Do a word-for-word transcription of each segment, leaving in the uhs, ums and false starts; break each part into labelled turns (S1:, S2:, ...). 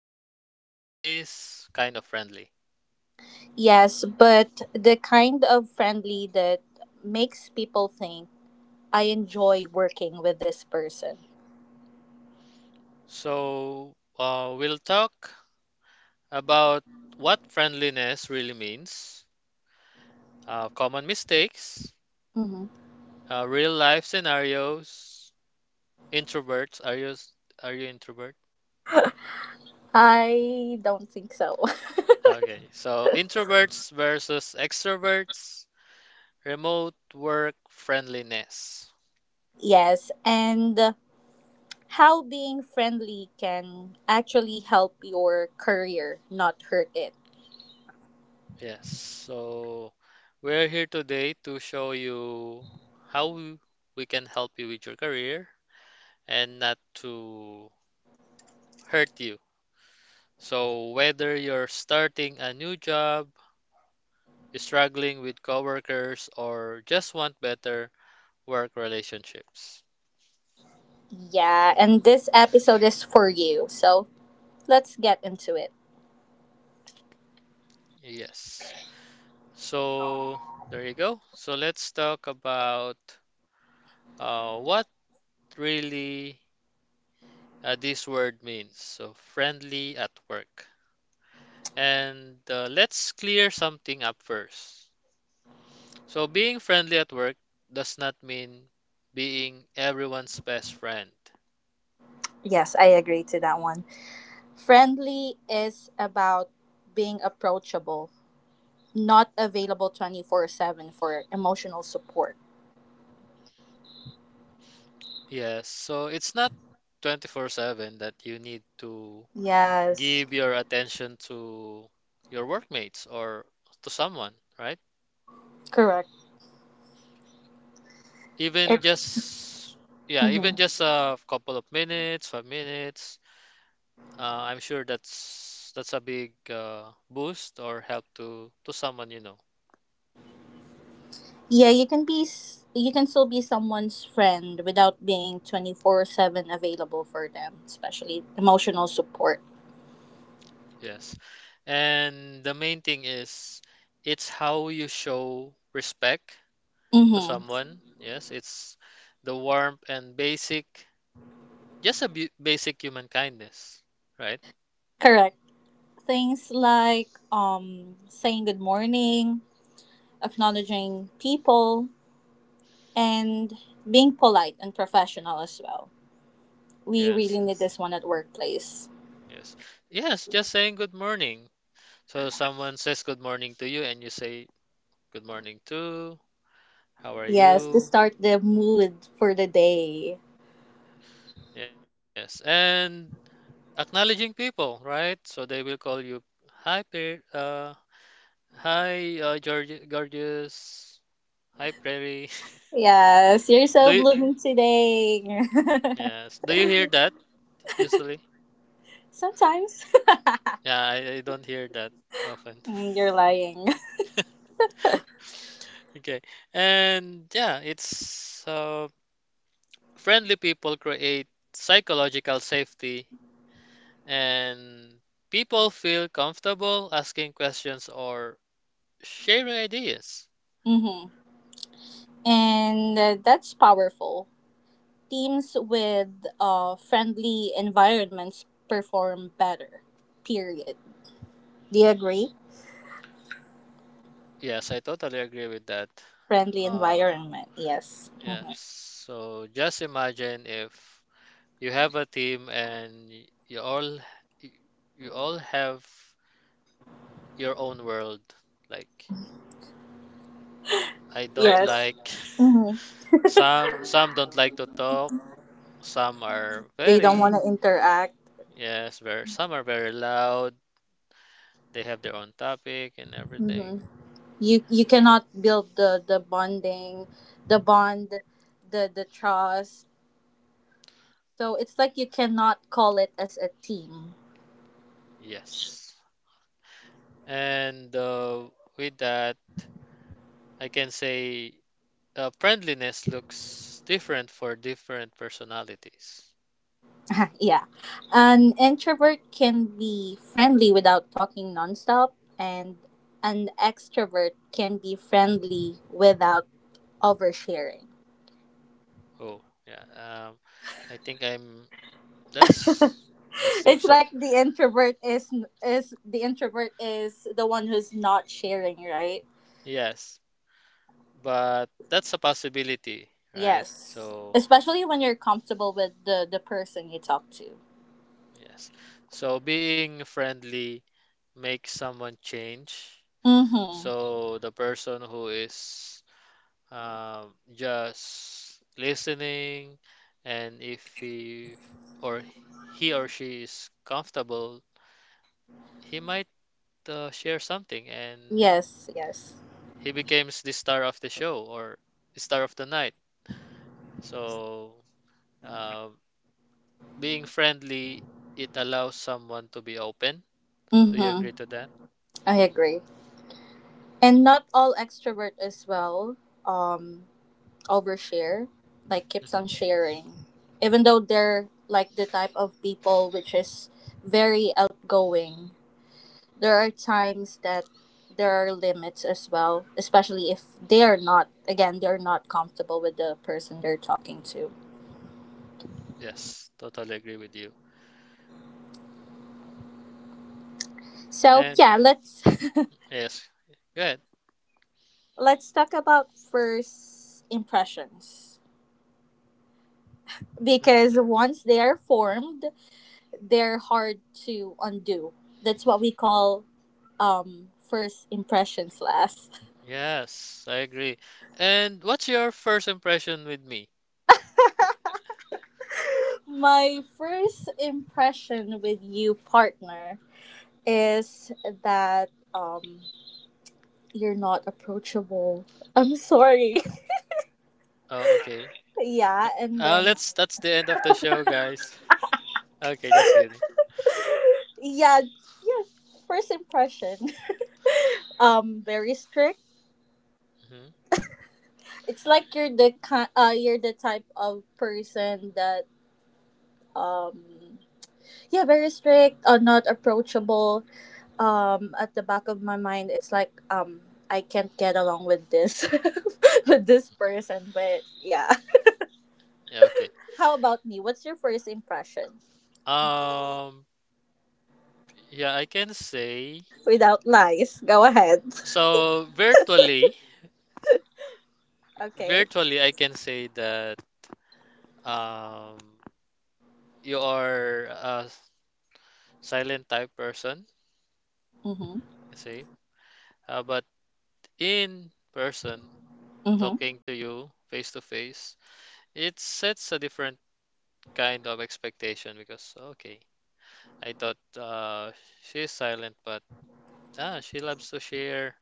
S1: why are they like this kind of friendly.
S2: Yes, but the kind of friendly that makes people think I enjoy working with this person.
S1: So, uh, we'll talk about what friendliness really means, uh, common mistakes,
S2: Mhm.
S1: uh, real life scenarios. Introverts, are you, s- are you introvert?
S2: I don't think so.
S1: Okay, so introverts versus extroverts, remote work friendliness.
S2: Yes, and how being friendly can actually help your career, not hurt it.
S1: Yes, so we're here today to show you how we we can help you with your career and not to hurt you. So whether you're starting a new job, struggling with coworkers, or just want better work relationships.
S2: Yeah, and this episode is for you. So let's get into it.
S1: Yes. So there you go. So let's talk about Uh, what really uh, this word means. So, friendly at work. And uh, let's clear something up first. So, being friendly at work does not mean being everyone's best friend.
S2: Yes, I agree to that one. Friendly is about being approachable, not available twenty four seven for emotional support.
S1: Yes, so it's not twenty-four seven that you need to
S2: Yes,
S1: give your attention to your workmates or to someone, right?
S2: correct. It,
S1: Even just, yeah,
S2: mhm.
S1: even just a couple of minutes, five minutes. Uh, I'm sure that's that's a big uh, boost or help to to someone you know.
S2: Yeah, you can be. s- You can still be someone's friend without being twenty four seven available for them, especially emotional support.
S1: Yes. And the main thing is it's how you show respect to
S2: Mm-hmm.
S1: someone. Yes, it's the warmth and basic just a bu- basic human kindness, right?
S2: Correct. Things like um saying good morning, acknowledging people, and being polite and professional as well. We
S1: Yes.
S2: really need this one at workplace.
S1: Yes. Yes, just saying good morning. So someone says good morning to you and you say good morning too. How are
S2: Yes, to
S1: you?
S2: start the mood for the day.
S1: Yes. And acknowledging people, right? So they will call you, hi, Pe- uh, hi, uh, George, gorgeous, hi, Prairie.
S2: Yes, you're so
S1: Do you,
S2: blooming today.
S1: yes, do you hear that usually?
S2: Sometimes.
S1: Yeah, I, I don't hear that often.
S2: Mm, you're lying.
S1: Okay, and yeah, it's uh, friendly people create psychological safety, and people feel comfortable asking questions or sharing ideas.
S2: Hmm. And uh, that's powerful. Teams with uh, friendly environments perform better. Period. Do you agree?
S1: Yes, I totally agree with that.
S2: Friendly
S1: Um,
S2: environment, yes. Mm-hmm.
S1: Yes. So just imagine if you have a team and y- you all y- you all have your own world. Like I don't
S2: Yes.
S1: like
S2: Mm-hmm.
S1: some some don't like to talk, some are
S2: They don't
S1: very
S2: want to interact.
S1: yes, very some are very loud. They have their own topic and
S2: Mm-hmm.
S1: everything.
S2: You you cannot build the the bonding, the bond, the the trust. So it's like you cannot call it as a team.
S1: Yes. And uh, with that, I can say uh, friendliness looks different for different personalities.
S2: Yeah. An introvert can be friendly without talking nonstop and an extrovert can be friendly without oversharing.
S1: Oh, yeah. Um, I think I'm. That's that's deep.
S2: It's
S1: So
S2: like the introvert is is the introvert is the one who's not sharing, right?
S1: yes, but that's a possibility, right?
S2: Yes.
S1: So
S2: Especially when you're comfortable with the the person you talk to.
S1: yes. So being friendly makes someone change.
S2: Mhm.
S1: So the person who is um, just listening, and if he or he or she is comfortable, he might uh, share something and
S2: Yes, yes.
S1: he becomes the star of the show or star of the night. So, uh, being friendly, it allows someone to be open. Do you
S2: Mhm.
S1: agree to that?
S2: I agree. And not all extrovert as well um overshare, like keeps
S1: Hmm
S2: on sharing. Even though they're like the type of people which is very outgoing, there are times that there are limits as well, especially if they are not again, they're not comfortable with the person they're talking to.
S1: Yes, totally agree with you.
S2: So
S1: And
S2: yeah, let's
S1: yes, good.
S2: Let's talk about first impressions.
S1: Hmm
S2: Because once they are formed, they're hard to undo. That's what we call um, first impressions last.
S1: Yes, I agree. And what's your first impression with me? Uh,
S2: My first impression with you, partner, is that um, you're not approachable. I'm sorry.
S1: Oh, okay.
S2: Yeah, and
S1: Uh,
S2: then,
S1: let's. That's the end of the show, guys. Okay, just kidding.
S2: yeah, yeah, first impression. Um, very strict.
S1: Hmm
S2: It's like you're the kind, uh, you're the type of person that um yeah, very strict or not approachable. Um, at the back of my mind, it's like um I can't get along with this with this person. But yeah,
S1: Yeah, okay.
S2: how about me? What's your first impression?
S1: Um, yeah, I can say
S2: Without lies, go ahead.
S1: so virtually.
S2: Okay.
S1: Virtually, I can say that um, you are a silent type person,
S2: Mhm.
S1: you see. Uh, but in person,
S2: Mhm.
S1: talking to you face to face, it sets a different kind of expectation because, okay, I thought uh, she's silent, but ah, she loves to share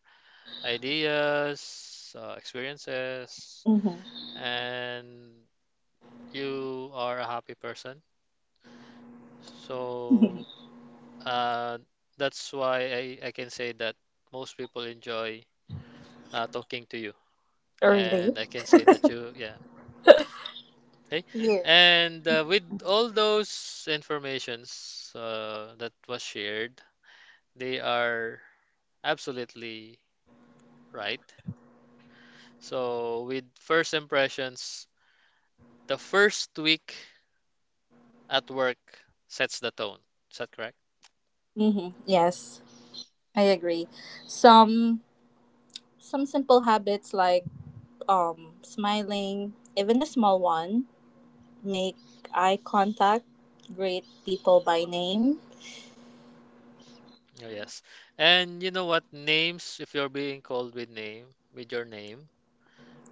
S1: ideas, uh, experiences,
S2: Mhm.
S1: and you are a happy person. So Uh, that's why I, I can say that most people enjoy uh, talking to you. And
S2: Really.
S1: I can say that you, yeah. Okay.
S2: Yeah.
S1: And uh, with all those informations uh, that was shared, they are absolutely right. So with first impressions, the first week at work sets the tone. Is that correct?
S2: Mm-hmm. Yes, I agree. Some some simple habits like um, smiling, even a small one, make eye contact, greet people by name.
S1: Oh, yes. And you know what? Names, if you're being called with name, with your name,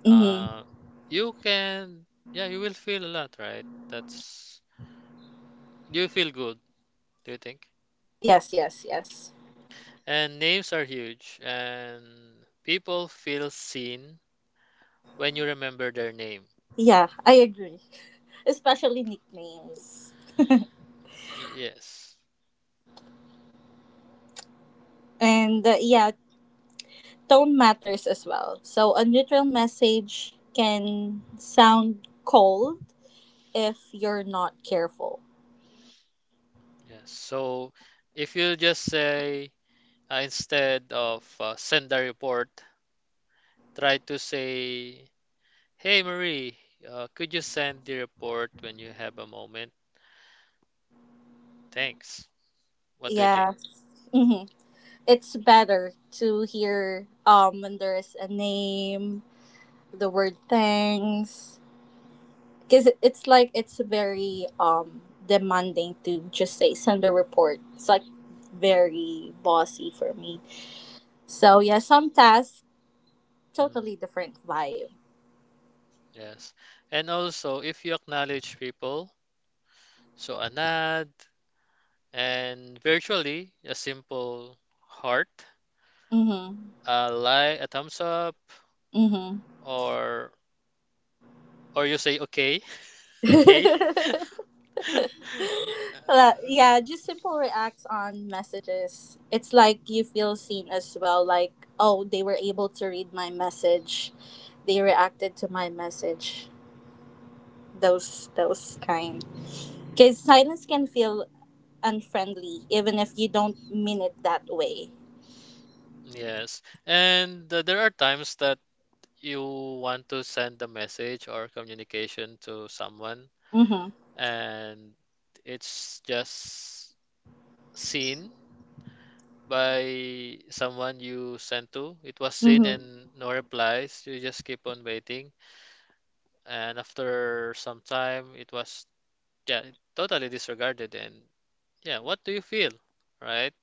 S2: Hmm.
S1: Uh, you can, yeah, you will feel a lot, right? That's, you feel good, do you think?
S2: Yes, yes, yes.
S1: And names are huge, and people feel seen when you remember their name.
S2: Yeah, I agree. Especially nicknames.
S1: Y- Yes,
S2: And uh, yeah, tone matters as well. So a neutral message can sound cold if you're not careful.
S1: yes. So if you just say, uh, instead of uh, send a report, try to say, hey Marie, uh, could you send the report when you have a moment? Thanks. What do you think?
S2: Yeah. Hmm. It's better to hear, um when there's a name, the word thanks, because it's like it's very um demanding to just say send a report. It's like very bossy for me, so yeah, some tasks
S1: Mm-hmm.
S2: totally different vibe.
S1: Yes. And also, if you acknowledge people, so a nod and virtually a simple heart,
S2: Mm-hmm.
S1: a like, a thumbs up, or or you say okay. Okay.
S2: Mm-hmm. Uh,
S1: Uh,
S2: yeah, just simple reacts on messages. It's like you feel seen as well, like oh, they were able to read my message, they reacted to my message, those those kind, because silence can feel unfriendly, even if you don't mean it that way.
S1: Yes. And uh, there are times that you want to send a message or communication to someone,
S2: Mm-hmm.
S1: and it's just seen by someone you sent to. It was seen
S2: Mm-hmm.
S1: and no replies. You just keep on waiting. And after some time, it was yeah, totally disregarded. And yeah, what do you feel? Right?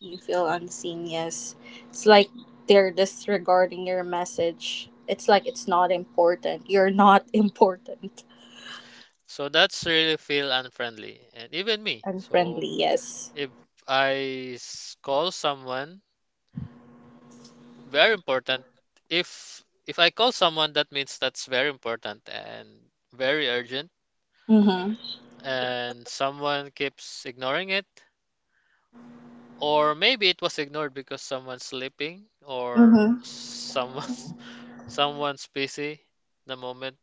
S2: You feel unseen, yes. It's like they're disregarding your message. It's like it's not important. You're not important.
S1: So that's really feel unfriendly. And even me. So
S2: Unfriendly, yes.
S1: if I s- call someone, very important. If if I call someone, that means that's very important and very urgent.
S2: Mm-hmm.
S1: And someone keeps ignoring it. Or maybe it was ignored because someone's sleeping or
S2: Mm-hmm.
S1: someone's someone's busy the moment.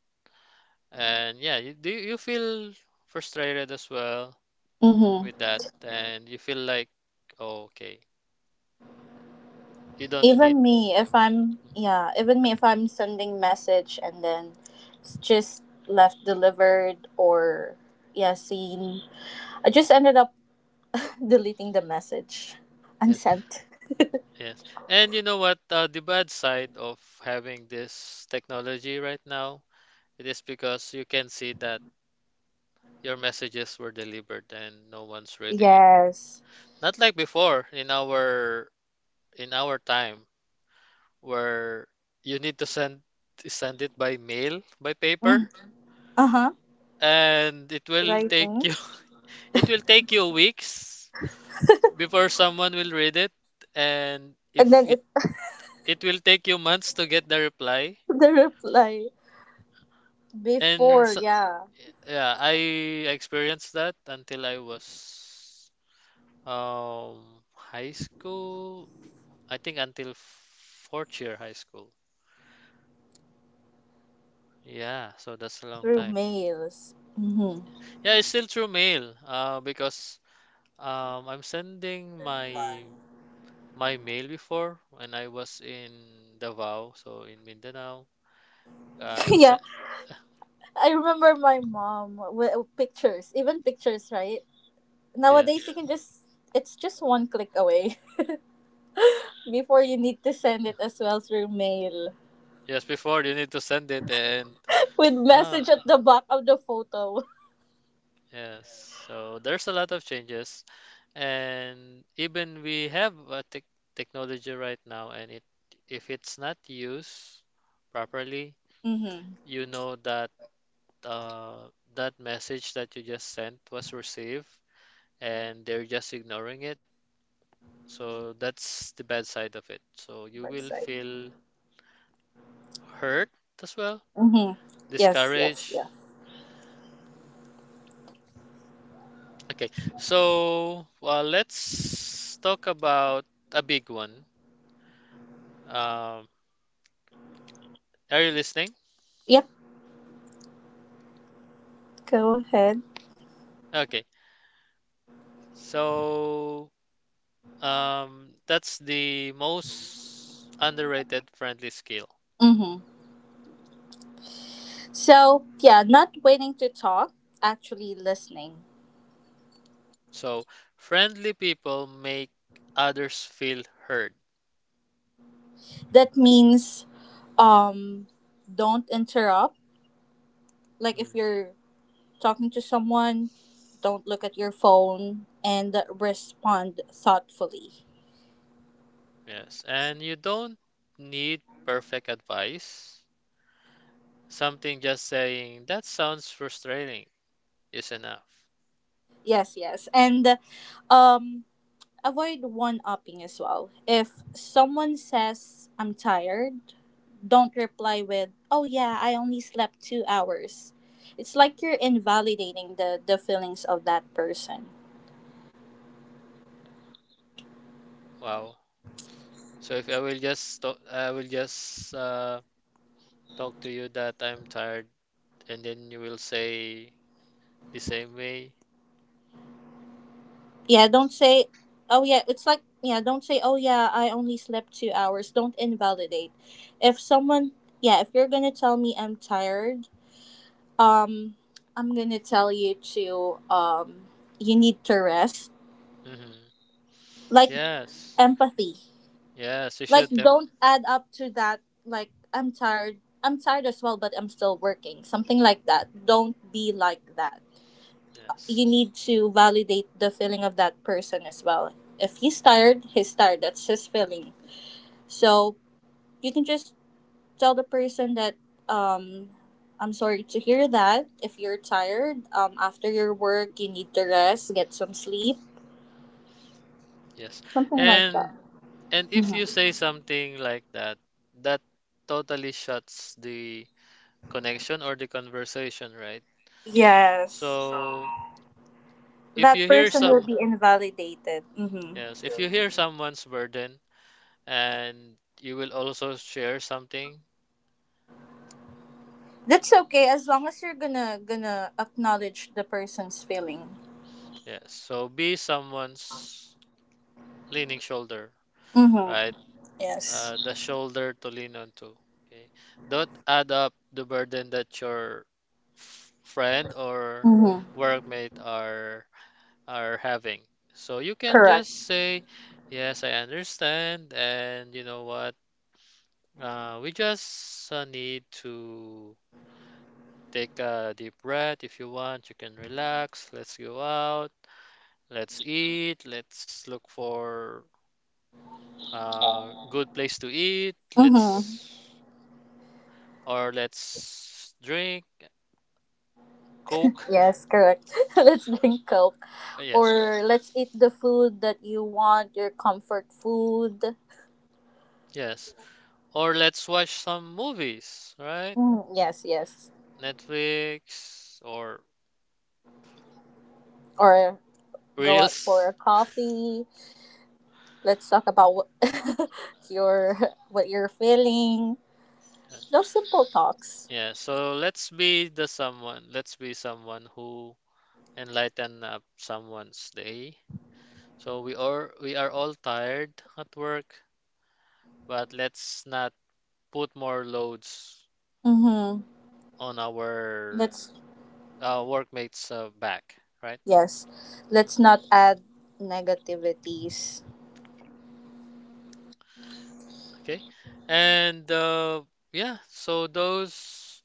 S1: And yeah, you do you feel frustrated as well
S2: Mm-hmm.
S1: with that, and you feel like, oh, okay, you don't need.
S2: Even me, if
S1: um,
S2: I'm
S1: mhm,
S2: yeah, even me if I'm sending message and then it's just left delivered or yeah, seen. I just ended up deleting the message.
S1: Yes,
S2: Unsent.
S1: yes. And you know what? Uh, the bad side of having this technology right now, it is because you can see that your messages were delivered and no one's reading it.
S2: Yes.
S1: Not like before in our in our time where you need to send send it by mail, by paper,
S2: Mm. Uh-huh.
S1: and it will take
S2: Writing.
S1: you it will take you weeks before someone will read it, and
S2: And then
S1: if it
S2: it
S1: it will take you months to get the reply.
S2: the reply
S1: And
S2: before,
S1: so,
S2: yeah,
S1: yeah, I experienced that until I was um high school. I think until fourth year high school. Yeah, so that's a long
S2: through
S1: time.
S2: mails. Mm-hmm.
S1: Yeah, it's still through mail, uh, because Um, I'm sending my my mail before when I was in Davao, so in Mindanao. Uh, I'm
S2: Yeah,
S1: sent.
S2: I remember my mom with, oh, pictures, even pictures, right? Nowadays you
S1: Yes,
S2: can just, it's just one click away. Before you need to send it as well through mail,
S1: yes. Before you need to send it, and
S2: with
S1: ah,
S2: message at the back of the photo.
S1: yes. So there's a lot of changes, and even we have a tech technology right now, and it if it's not used properly,
S2: Mm-hmm.
S1: you know that uh, that message that you just sent was received, and they're just ignoring it. So that's the bad side of it. So you will
S2: Website.
S1: feel hurt as well,
S2: Mm-hmm. Yes, yes,
S1: discouraged.
S2: yes.
S1: Okay, so well, let's talk about a big one. Um, are you listening?
S2: Yep. Go ahead.
S1: Okay, so um, that's the most underrated friendly skill.
S2: Mm-hmm. So yeah, not waiting to talk, actually listening.
S1: So friendly people make others feel heard.
S2: That means um don't interrupt. Like if
S1: Mhm.
S2: you're talking to someone, don't look at your phone and respond thoughtfully.
S1: Yes, and you don't need perfect advice. Something just saying, that sounds frustrating, is enough.
S2: Yes, yes. And um avoid one upping as well. If someone says I'm tired, don't reply with, "Oh yeah, I only slept two hours." It's like you're invalidating the the feelings of that person.
S1: Wow. So if I will just talk, I will just uh, talk to you that I'm tired, and then you will say the same way.
S2: Yeah, don't say, oh yeah, it's like, yeah, don't say, oh yeah, I only slept two hours. Don't invalidate. If someone, yeah, If you're gonna tell me I'm tired, um, I'm gonna tell you to, um, you need to rest.
S1: Mm-hmm.
S2: Like,
S1: Yes.
S2: empathy.
S1: Yes, you
S2: Like,
S1: should them.
S2: don't add up to that, like, I'm tired. I'm tired as well, but I'm still working. Something like that. Don't be like that.
S1: Yes.
S2: You need to validate the feeling of that person as well. If he's tired, he's tired. That's his feeling. So you can just tell the person that, um, I'm sorry to hear that. If you're tired, um, after your work, you need to rest, get some sleep,
S1: Yes.
S2: something like that.
S1: And and if
S2: Mhm.
S1: you say something like that, that totally shuts the connection or the conversation, right?
S2: Yes,
S1: So if
S2: that
S1: you hear
S2: person will
S1: some,
S2: be invalidated. Hmm.
S1: yes, if you hear someone's burden, and you will also share something.
S2: That's okay as long as you're gonna gonna acknowledge the person's feeling.
S1: Yes. So be someone's leaning shoulder,
S2: Mm-hmm.
S1: right?
S2: Yes.
S1: Uh, the shoulder to lean onto. Okay. Don't add up the burden that your f- friend or
S2: Mm-hmm.
S1: workmate are are having. So you can
S2: Correct.
S1: just say, "Yes, I understand," and you know what? Uh, we just uh, need to take a deep breath. If you want, you can relax. Let's go out. Let's eat. Let's look for a good place to eat.
S2: Mm-hmm.
S1: Let's or let's drink Coke.
S2: Yes, correct. Let's drink coke.
S1: Uh, Yes,
S2: Or let's eat the food that you want, your comfort food.
S1: yes. Or let's watch some movies, right?
S2: Mm, yes, yes.
S1: Netflix or
S2: Or go out for a
S1: Reels.
S2: coffee. Let's talk about what, your, what you're feeling.
S1: Yes.
S2: Those simple talks.
S1: Yeah, so let's be the someone. Let's be someone who enlighten up someone's day. So we are we are all tired at work, but let's not put more loads
S2: Mm-hmm.
S1: on our
S2: Let's
S1: uh, workmates' uh, back, right?
S2: Yes. Let's not add negativities.
S1: Okay, and uh, yeah, so those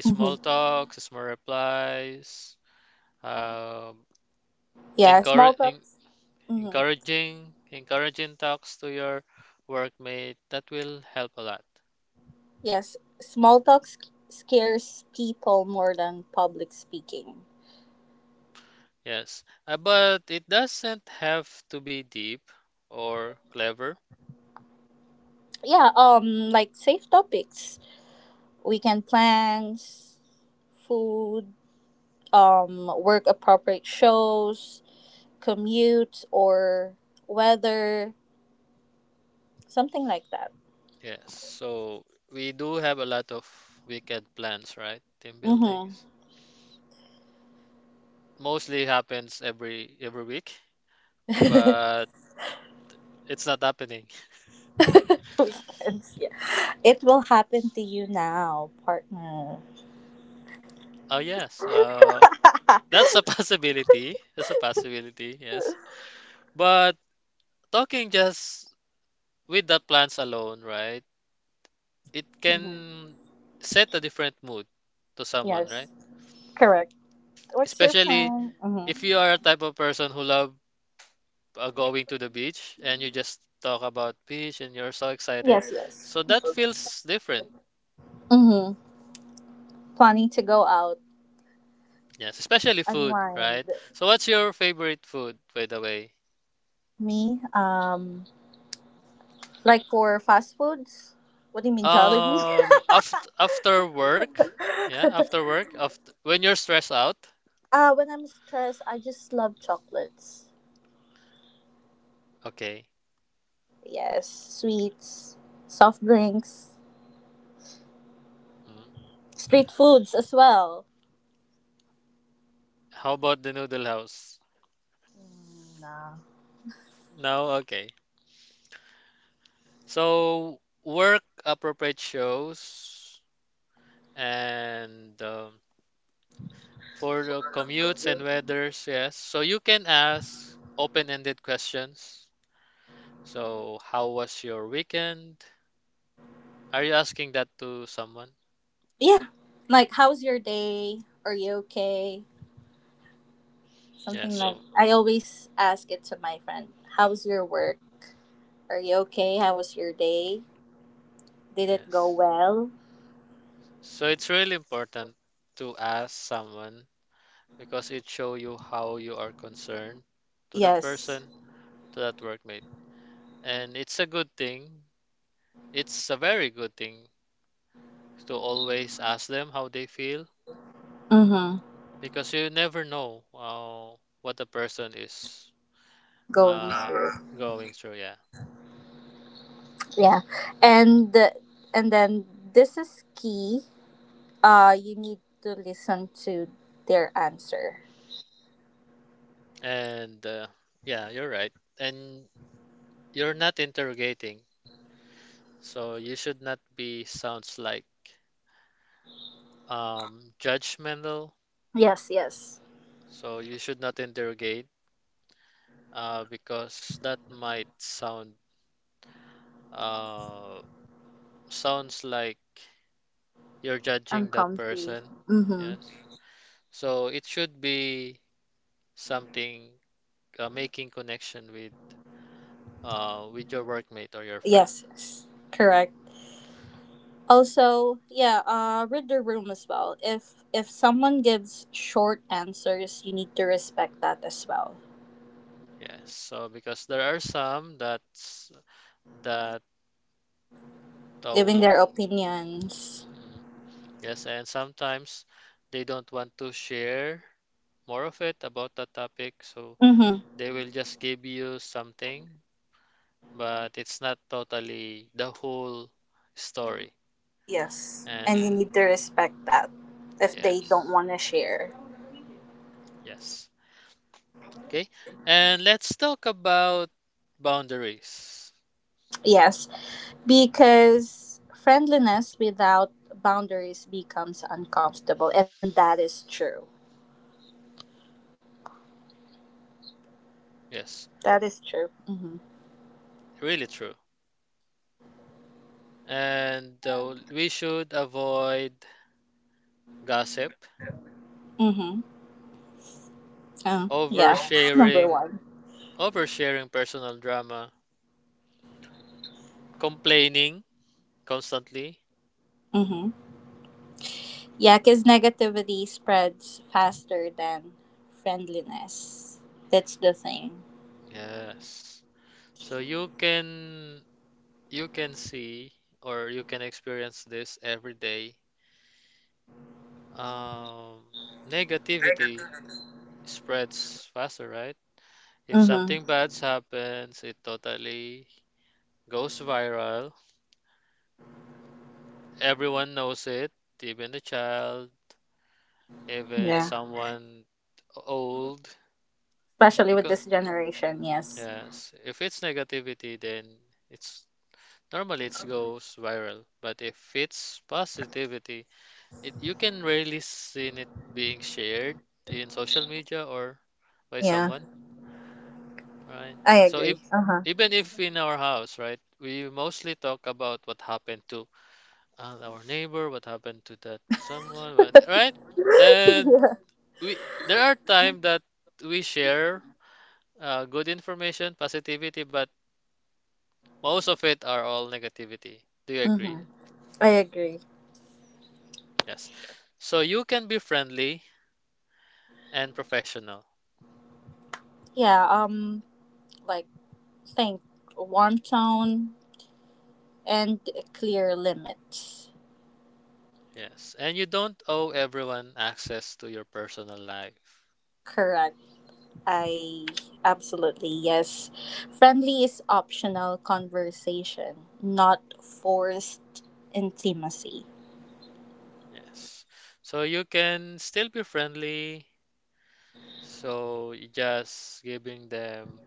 S1: small
S2: Mm-hmm.
S1: talks, small replies, um,
S2: Yeah, small
S1: encourage,
S2: talks. Mm-hmm.
S1: encouraging, encouraging talks to your workmate. That will help a lot.
S2: Yes, small talks scares people more than public speaking.
S1: Yes, uh, but it doesn't have to be deep or clever.
S2: Yeah, um, like safe topics. Weekend plans, food, um, work appropriate shows, commute or weather, something like that.
S1: Yes, so we do have a lot of weekend plans, right? Team building
S2: Mm-hmm.
S1: mostly happens every every week, but it's not happening.
S2: Weekends, yeah. It will happen to you now, partner.
S1: Oh yes, uh, that's a possibility. That's a possibility. Yes, but talking just with the plants alone, right? It
S2: Mm-hmm.
S1: can set a different mood to someone, right?
S2: Yes, correct. What's your
S1: Especially
S2: plan? Mm-hmm.
S1: if you are a type of person who love uh, going to the beach and you just talk about beach and you're so excited,
S2: Yes, yes.
S1: so that feels different.
S2: Mm-hmm. Planning to go out,
S1: Yes, especially food,
S2: unwind.
S1: right? So what's your favorite food, by the way?
S2: Me, um, like for fast foods. What do you mean, Jollibee?
S1: Um, after after work, yeah, after work, after when you're stressed out,
S2: Uh, when I'm stressed, I just love chocolates.
S1: okay.
S2: Yes, sweets, soft drinks,
S1: Mm.
S2: street foods as well.
S1: How about the Noodle House?
S2: Mm, nah.
S1: No, okay. So work appropriate shows and um, for the commutes and weathers, yes. So you can ask open-ended questions. So how was your weekend? Are you asking that to someone?
S2: Yeah, like how's your day? Are you okay?
S1: Yes,
S2: Something like
S1: so
S2: I always ask it to my friend. How's your work? Are you okay? How was your day? Did it go
S1: yes.
S2: well?
S1: So it's really important to ask someone because it show you how you are concerned to that
S2: Yes.
S1: person, to that workmate. And it's a good thing. It's a very good thing to always ask them how they feel
S2: Mm-hmm.
S1: because you never know uh, what the person is
S2: Going
S1: uh,
S2: through.
S1: going through. Yeah.
S2: Yeah, and and then this is key. Uh, you need to listen to their answer.
S1: And uh, yeah, you're right. And you're not interrogating, so you should not be sounds like um, judgmental.
S2: Yes, yes.
S1: So you should not interrogate, uh, because that might sound Uh, sounds like you're
S2: I'm
S1: judging that
S2: comfy.
S1: person.
S2: Mm-hmm.
S1: Yes. So it should be something, uh, making connection with uh with your workmate or your friend.
S2: Yes, yes. Correct. Also, yeah, uh, read the room as well. If if someone gives short answers, you need to respect that as well.
S1: Yes. So because there are some that's that,
S2: Giving
S1: oh,
S2: their opinions.
S1: mm-mm. Yes, and sometimes they don't want to share more of it about that topic, so
S2: Mm-hmm.
S1: they will just give you something, but it's not totally the whole story.
S2: Yes. And you
S1: And
S2: need to respect that if they don't
S1: yes.
S2: want to share.
S1: Yes. Okay. And let's talk about boundaries.
S2: Yes. Because friendliness without boundaries becomes uncomfortable, and that is true.
S1: Yes.
S2: That is true. Mm-hmm.
S1: Really true. And uh, we should avoid gossip,
S2: Mm-hmm. Oh, yeah. Number
S1: oversharing,
S2: one.
S1: oversharing personal drama, complaining constantly.
S2: Mm-hmm. Yeah, because negativity spreads faster than friendliness. That's the thing.
S1: Yes. So you can you can see or you can experience this every day. Um, Negativity spreads faster, right? If
S2: Mm-hmm.
S1: something bad happens, it totally goes viral. Everyone knows it, even a child, even
S2: Yeah.
S1: someone old.
S2: Especially with
S1: Because
S2: this generation, yes.
S1: yes, if it's negativity, then it's normally it goes viral. But if it's positivity, it you can rarely see it being shared in social media or by
S2: Yeah,
S1: someone, right?
S2: I
S1: So if,
S2: agree. Uh-huh.
S1: even if in our house, right, we mostly talk about what happened to uh, our neighbor, what happened to that someone, what- right? And
S2: Yeah.
S1: we there are time that we share uh, good information, positivity, but most of it are all negativity. Do you agree?
S2: Mm-hmm. I agree.
S1: Yes. So you can be friendly and professional.
S2: Yeah, um, like, think one tone and clear limits.
S1: Yes. And you don't owe everyone access to your personal life.
S2: Correct. I absolutely yes. Friendly is optional conversation, not forced intimacy.
S1: Yes. So you can still be friendly. So you just giving them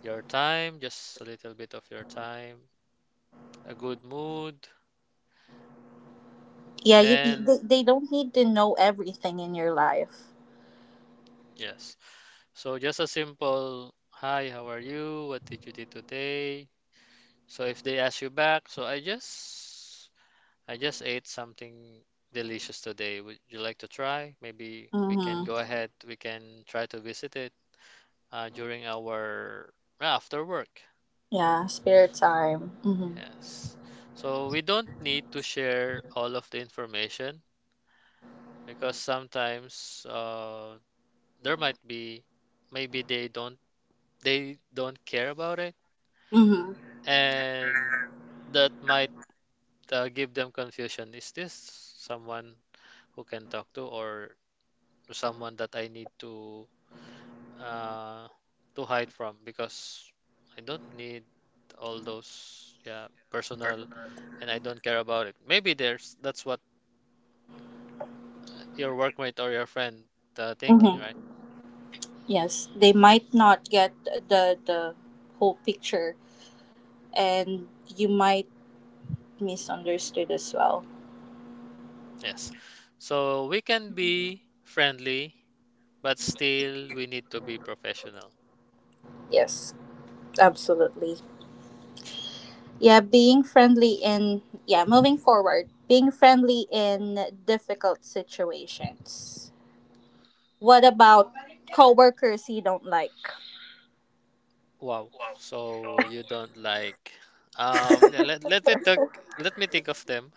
S1: your time, just a little bit of your time, a good mood,
S2: Yeah, you, you-
S1: and
S2: they, they don't need to know everything in your life.
S1: yes. So just a simple hi, how are you? What did you do today? So if they ask you back, so I just I just ate something delicious today. Would you like to try? Maybe we can go
S2: Mm-hmm.
S1: ahead. We can try to visit it uh, during our ah, after work.
S2: Yeah, spare time. Mm-hmm.
S1: Yes. So we don't need to share all of the information because sometimes uh, there might be maybe they don't they don't care about it,
S2: Mm-hmm.
S1: and that might uh, give them confusion. Is this someone who can talk to, or someone that I need to, uh, to hide from? Because I don't need all those yeah personal, and I don't care about it. Maybe there's that's what your workmate or your friend, uh, thinking,
S2: Mm-hmm.
S1: right?
S2: Yes, they might not get the the whole picture, and you might misunderstood as well.
S1: Yes. So we can be friendly, but still we need to be professional.
S2: Yes, absolutely. Yeah, being friendly in yeah moving forward, being friendly in difficult situations, what about coworkers you don't like?
S1: Wow. So you don't like, um, yeah, let let me think, let me think of them.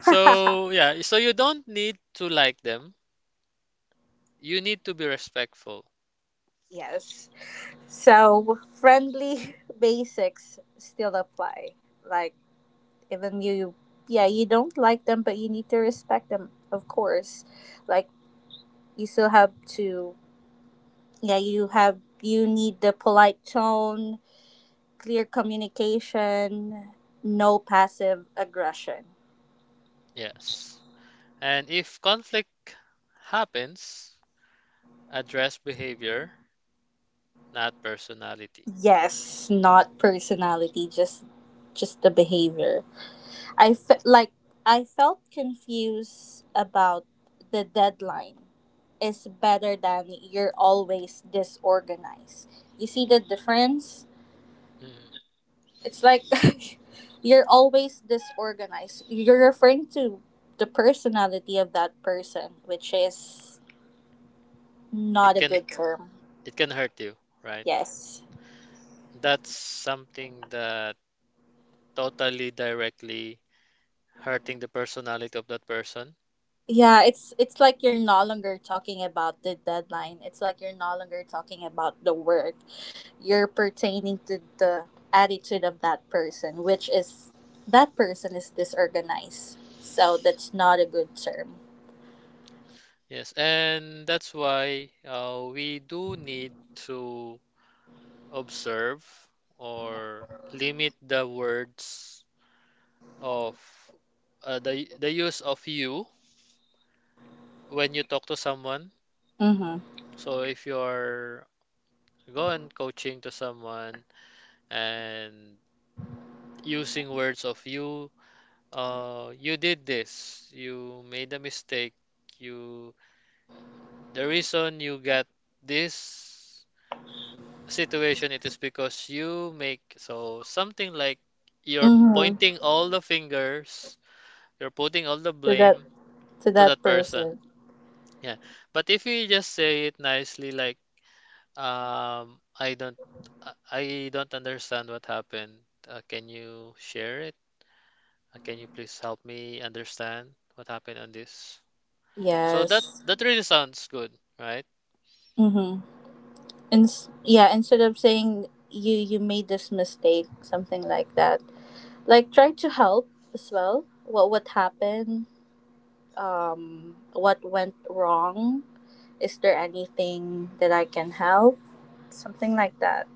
S1: So yeah, so you don't need to like them. You need to be respectful.
S2: Yes, so friendly basics still apply. Like, even you, yeah, you don't like them, but you need to respect them, of course. Like, you still have to, yeah, you have you need the polite tone. Clear communication, no passive aggression.
S1: Yes. And if conflict happens, address behavior, not personality.
S2: Yes, not personality, just just the behavior. I fe- like I felt confused about the deadline is better than you're always disorganized. You see the difference?
S1: Mm,
S2: It's like you're always disorganized. You're referring to the personality of that person, which is not
S1: it
S2: a
S1: can
S2: good term.
S1: it can hurt you, right?
S2: Yes.
S1: That's something that totally directly hurting the personality of that person.
S2: Yeah, it's it's like you're no longer talking about the deadline. It's like you're no longer talking about the work. You're pertaining to the attitude of that person, which is that person is disorganized. So that's not a good term.
S1: Yes, and that's why uh, we do need to observe or limit the words of uh, the the use of you when you talk to someone.
S2: Mhm.
S1: So if you're going coaching to someone and using words of you, uh, you did this, you made a mistake, you the reason you got this situation, it is because you make so something like you're
S2: Mhm.
S1: pointing all the fingers, you're putting all the
S2: To that
S1: blame
S2: to
S1: to
S2: that
S1: that person.
S2: person.
S1: Yeah. But if you just say it nicely, like, um, I don't, I I don't understand what happened. Uh, can you share it? Uh, can you please help me understand what happened on this? So that
S2: Yes.
S1: that really sounds good, right?
S2: Mhm. And s- yeah, instead of saying you you made this mistake, something like that. Like try to help as well. What what happened? Um, what went wrong? Is there anything that I can help? Something like that.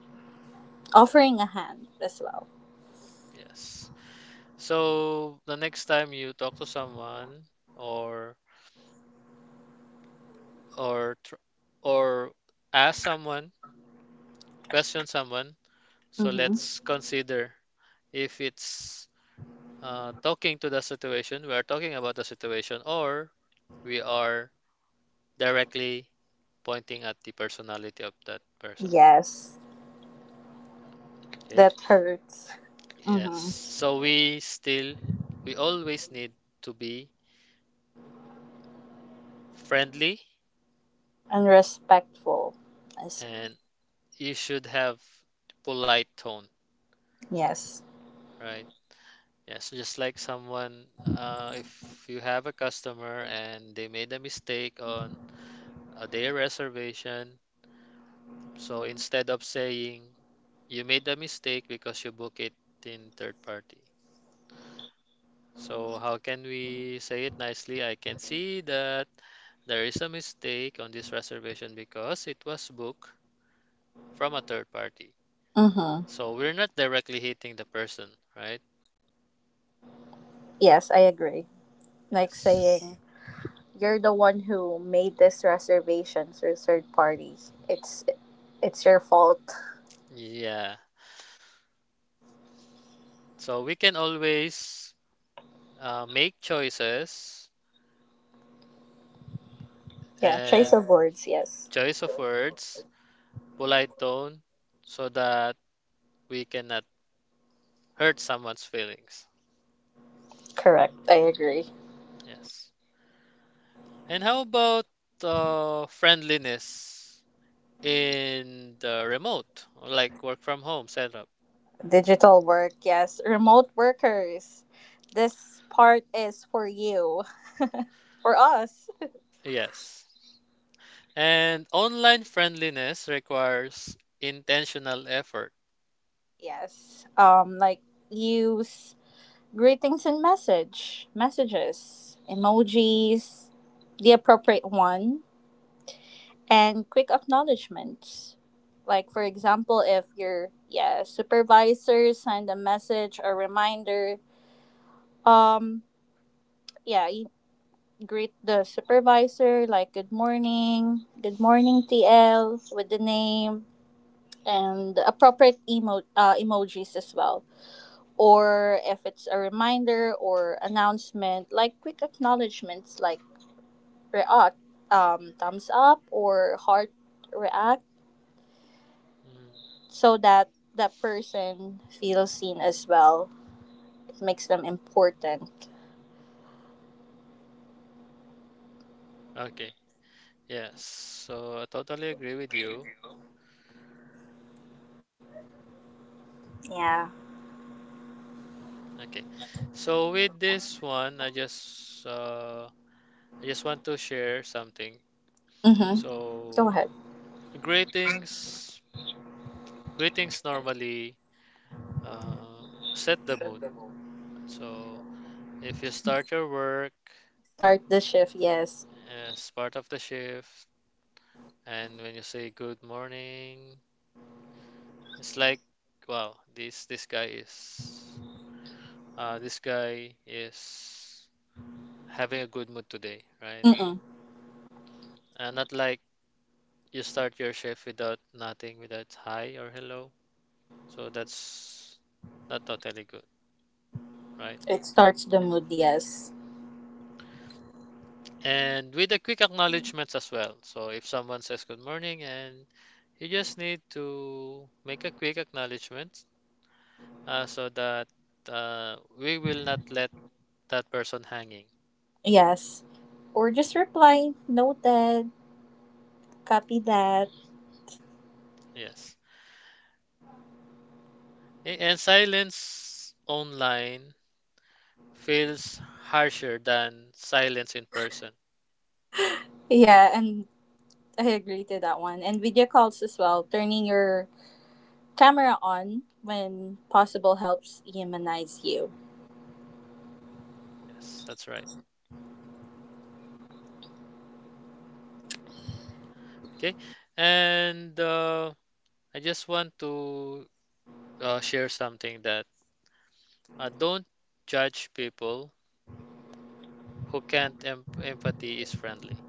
S2: Offering a hand as well.
S1: Yes. So the next time you talk to someone or or tr- or ask someone, question someone. So
S2: Mm-hmm.
S1: let's consider if it's, uh, talking to the situation, we are talking about the situation, or we are directly pointing at the personality of that person.
S2: Yes,
S1: Okay.
S2: that hurts.
S1: Yes.
S2: Mm-hmm.
S1: So we still, we always need to be friendly,
S2: And respectful. As
S1: and you should have polite tone,
S2: Yes.
S1: right? Yeah, so just like someone, uh, if you have a customer and they made a mistake on uh, their reservation, so instead of saying you made a mistake because you book it in third party. So how can we say it nicely? I can see that there is a mistake on this reservation because it was booked from a third party.
S2: Mm-hmm.
S1: So we're not directly hitting the person, right?
S2: Yes, I agree. Like
S1: Yes.
S2: saying you're the one who made this reservation through third party. It's it's your fault.
S1: Yeah. So we can always uh, make choices
S2: Yeah, choice
S1: and
S2: of words. Yes.
S1: choice of words, polite tone, so that we cannot hurt someone's feelings.
S2: Correct. I agree.
S1: Yes. And how about uh, friendliness in the remote, like work from home setup?
S2: Digital work, yes. Remote workers. This part is for you. For us.
S1: Yes. And online friendliness requires intentional effort.
S2: Yes. Um like use greetings and message messages, emojis, the appropriate one, and quick acknowledgement. Like for example, if your, yeah, supervisor send a message or reminder, um yeah, greet the supervisor like good morning, good morning TL, with the name and the appropriate emo- uh, emojis as well. Or if it's a reminder or announcement, like quick acknowledgments, like react, um, thumbs up or heart react,
S1: Mm,
S2: so that that person feels seen as well. It makes them important,
S1: okay. Yes. So I totally agree with you.
S2: yeah.
S1: Okay. So with this one, I just uh, I just want to share something.
S2: Mm-hmm. Go
S1: So,
S2: ahead.
S1: greetings, greetings normally, uh, set the mood. So, if you start your work
S2: Start the shift, yes.
S1: as part of the shift, and when you say good morning, it's like, wow, this this guy is, uh, this guy is having a good mood today, right?
S2: Mm-mm.
S1: Uh, not like you start your shift without nothing, without hi or hello. So that's not totally good, right?
S2: It starts the mood, yes.
S1: And with the quick acknowledgments as well. So if someone says good morning and you just need to make a quick acknowledgement, uh, so that uh, we will not let that person hanging.
S2: Yes. Or just reply, noted, copy that.
S1: Yes. A- And silence online feels harsher than silence in person.
S2: Yeah, and I agree to that one. And video calls as well. Turning your camera on when possible helps humanize you.
S1: Yes, that's right. Okay. And uh, I just want to uh, share something that, uh, don't judge people who can't em- empathy is friendly.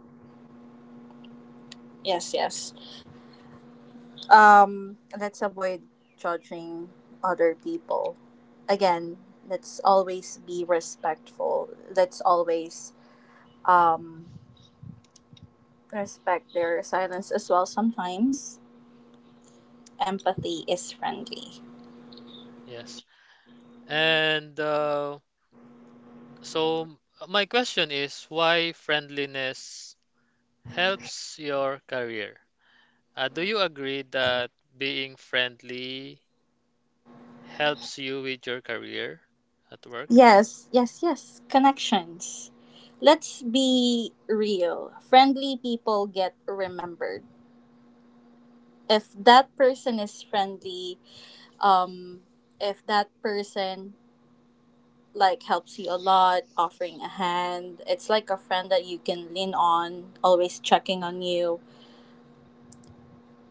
S2: Yes, yes. Um, let's avoid judging other people. Again, let's always be respectful. Let's always, um, respect their silence as well sometimes. Empathy is friendly.
S1: Yes. And uh, so my question is why friendliness helps your career? Uh, do you agree that being friendly helps you with your career at work?
S2: Yes, yes, yes. Connections. Let's be real. Friendly people get remembered. If that person is friendly, um, if that person like helps you a lot, offering a hand, it's like a friend that you can lean on, always checking on you.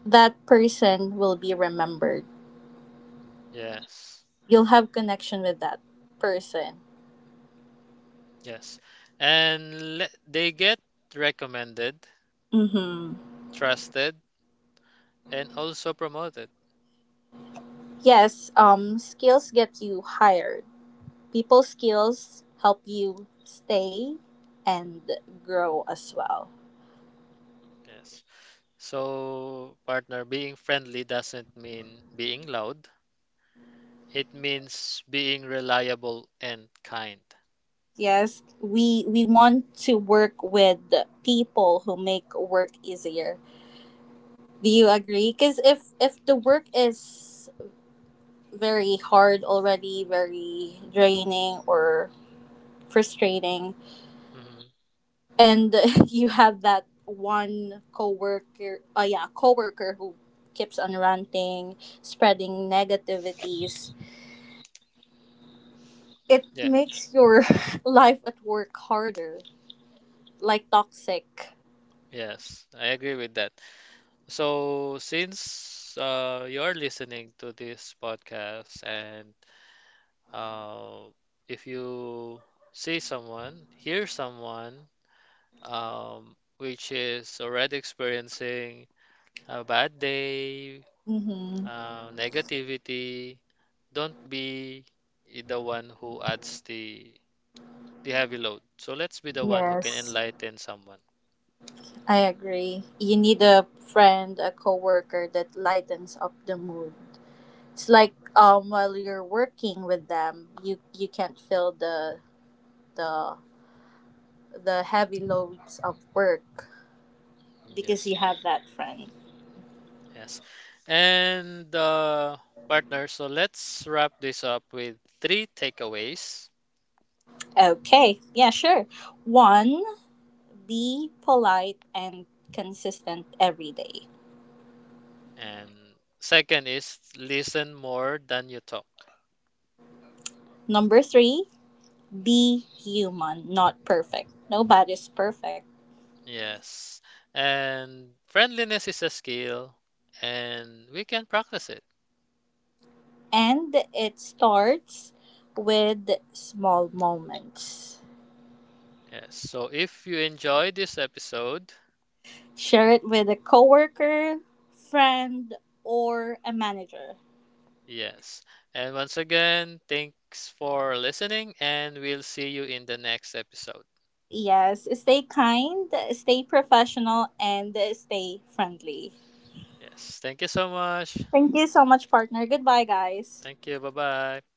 S2: That person will be remembered.
S1: Yes.
S2: You'll have connection with that person.
S1: Yes. And le- they get recommended,
S2: Mm-hmm.
S1: trusted, and also promoted.
S2: Yes, um, skills get you hired. People skills help you stay and grow as well.
S1: Yes. So, partner, being friendly doesn't mean being loud. It means being reliable and kind.
S2: Yes, we we want to work with people who make work easier. Do you agree? Because if if the work is very hard already, very draining or frustrating,
S1: Hmm.
S2: and you have that one coworker, oh yeah coworker who keeps on ranting, spreading negativities, it
S1: Yeah,
S2: makes your life at work harder, like toxic.
S1: yes, I agree with that. So, since uh, you're listening to this podcast, and uh, if you see someone, hear someone, um, which is already experiencing a bad day,
S2: Mm-hmm.
S1: uh, negativity, don't be the one who adds the the heavy load. So let's be the one who can enlighten someone.
S2: I agree. You need a friend, a coworker that lightens up the mood. It's like um while you're working with them, you you can't feel the the the heavy loads of work
S1: Mm,
S2: because
S1: yes,
S2: you have that friend.
S1: yes. And uh, partner, so let's wrap this up with three takeaways.
S2: Okay. Yeah, sure. One, be polite and consistent every day.
S1: And second is listen more than you talk.
S2: Number three, be human, not perfect. Nobody's perfect.
S1: Yes. And friendliness is a skill, and we can practice it.
S2: And it starts with small moments.
S1: Yes. So if you enjoyed this episode,
S2: Share it with a coworker, friend, or a manager.
S1: yes. And once again, thanks for listening, and we'll see you in the next episode.
S2: Yes, stay kind, stay professional, and stay friendly.
S1: Yes. Thank you so much.
S2: Thank you so much, partner. Goodbye, guys.
S1: Thank you. Bye bye.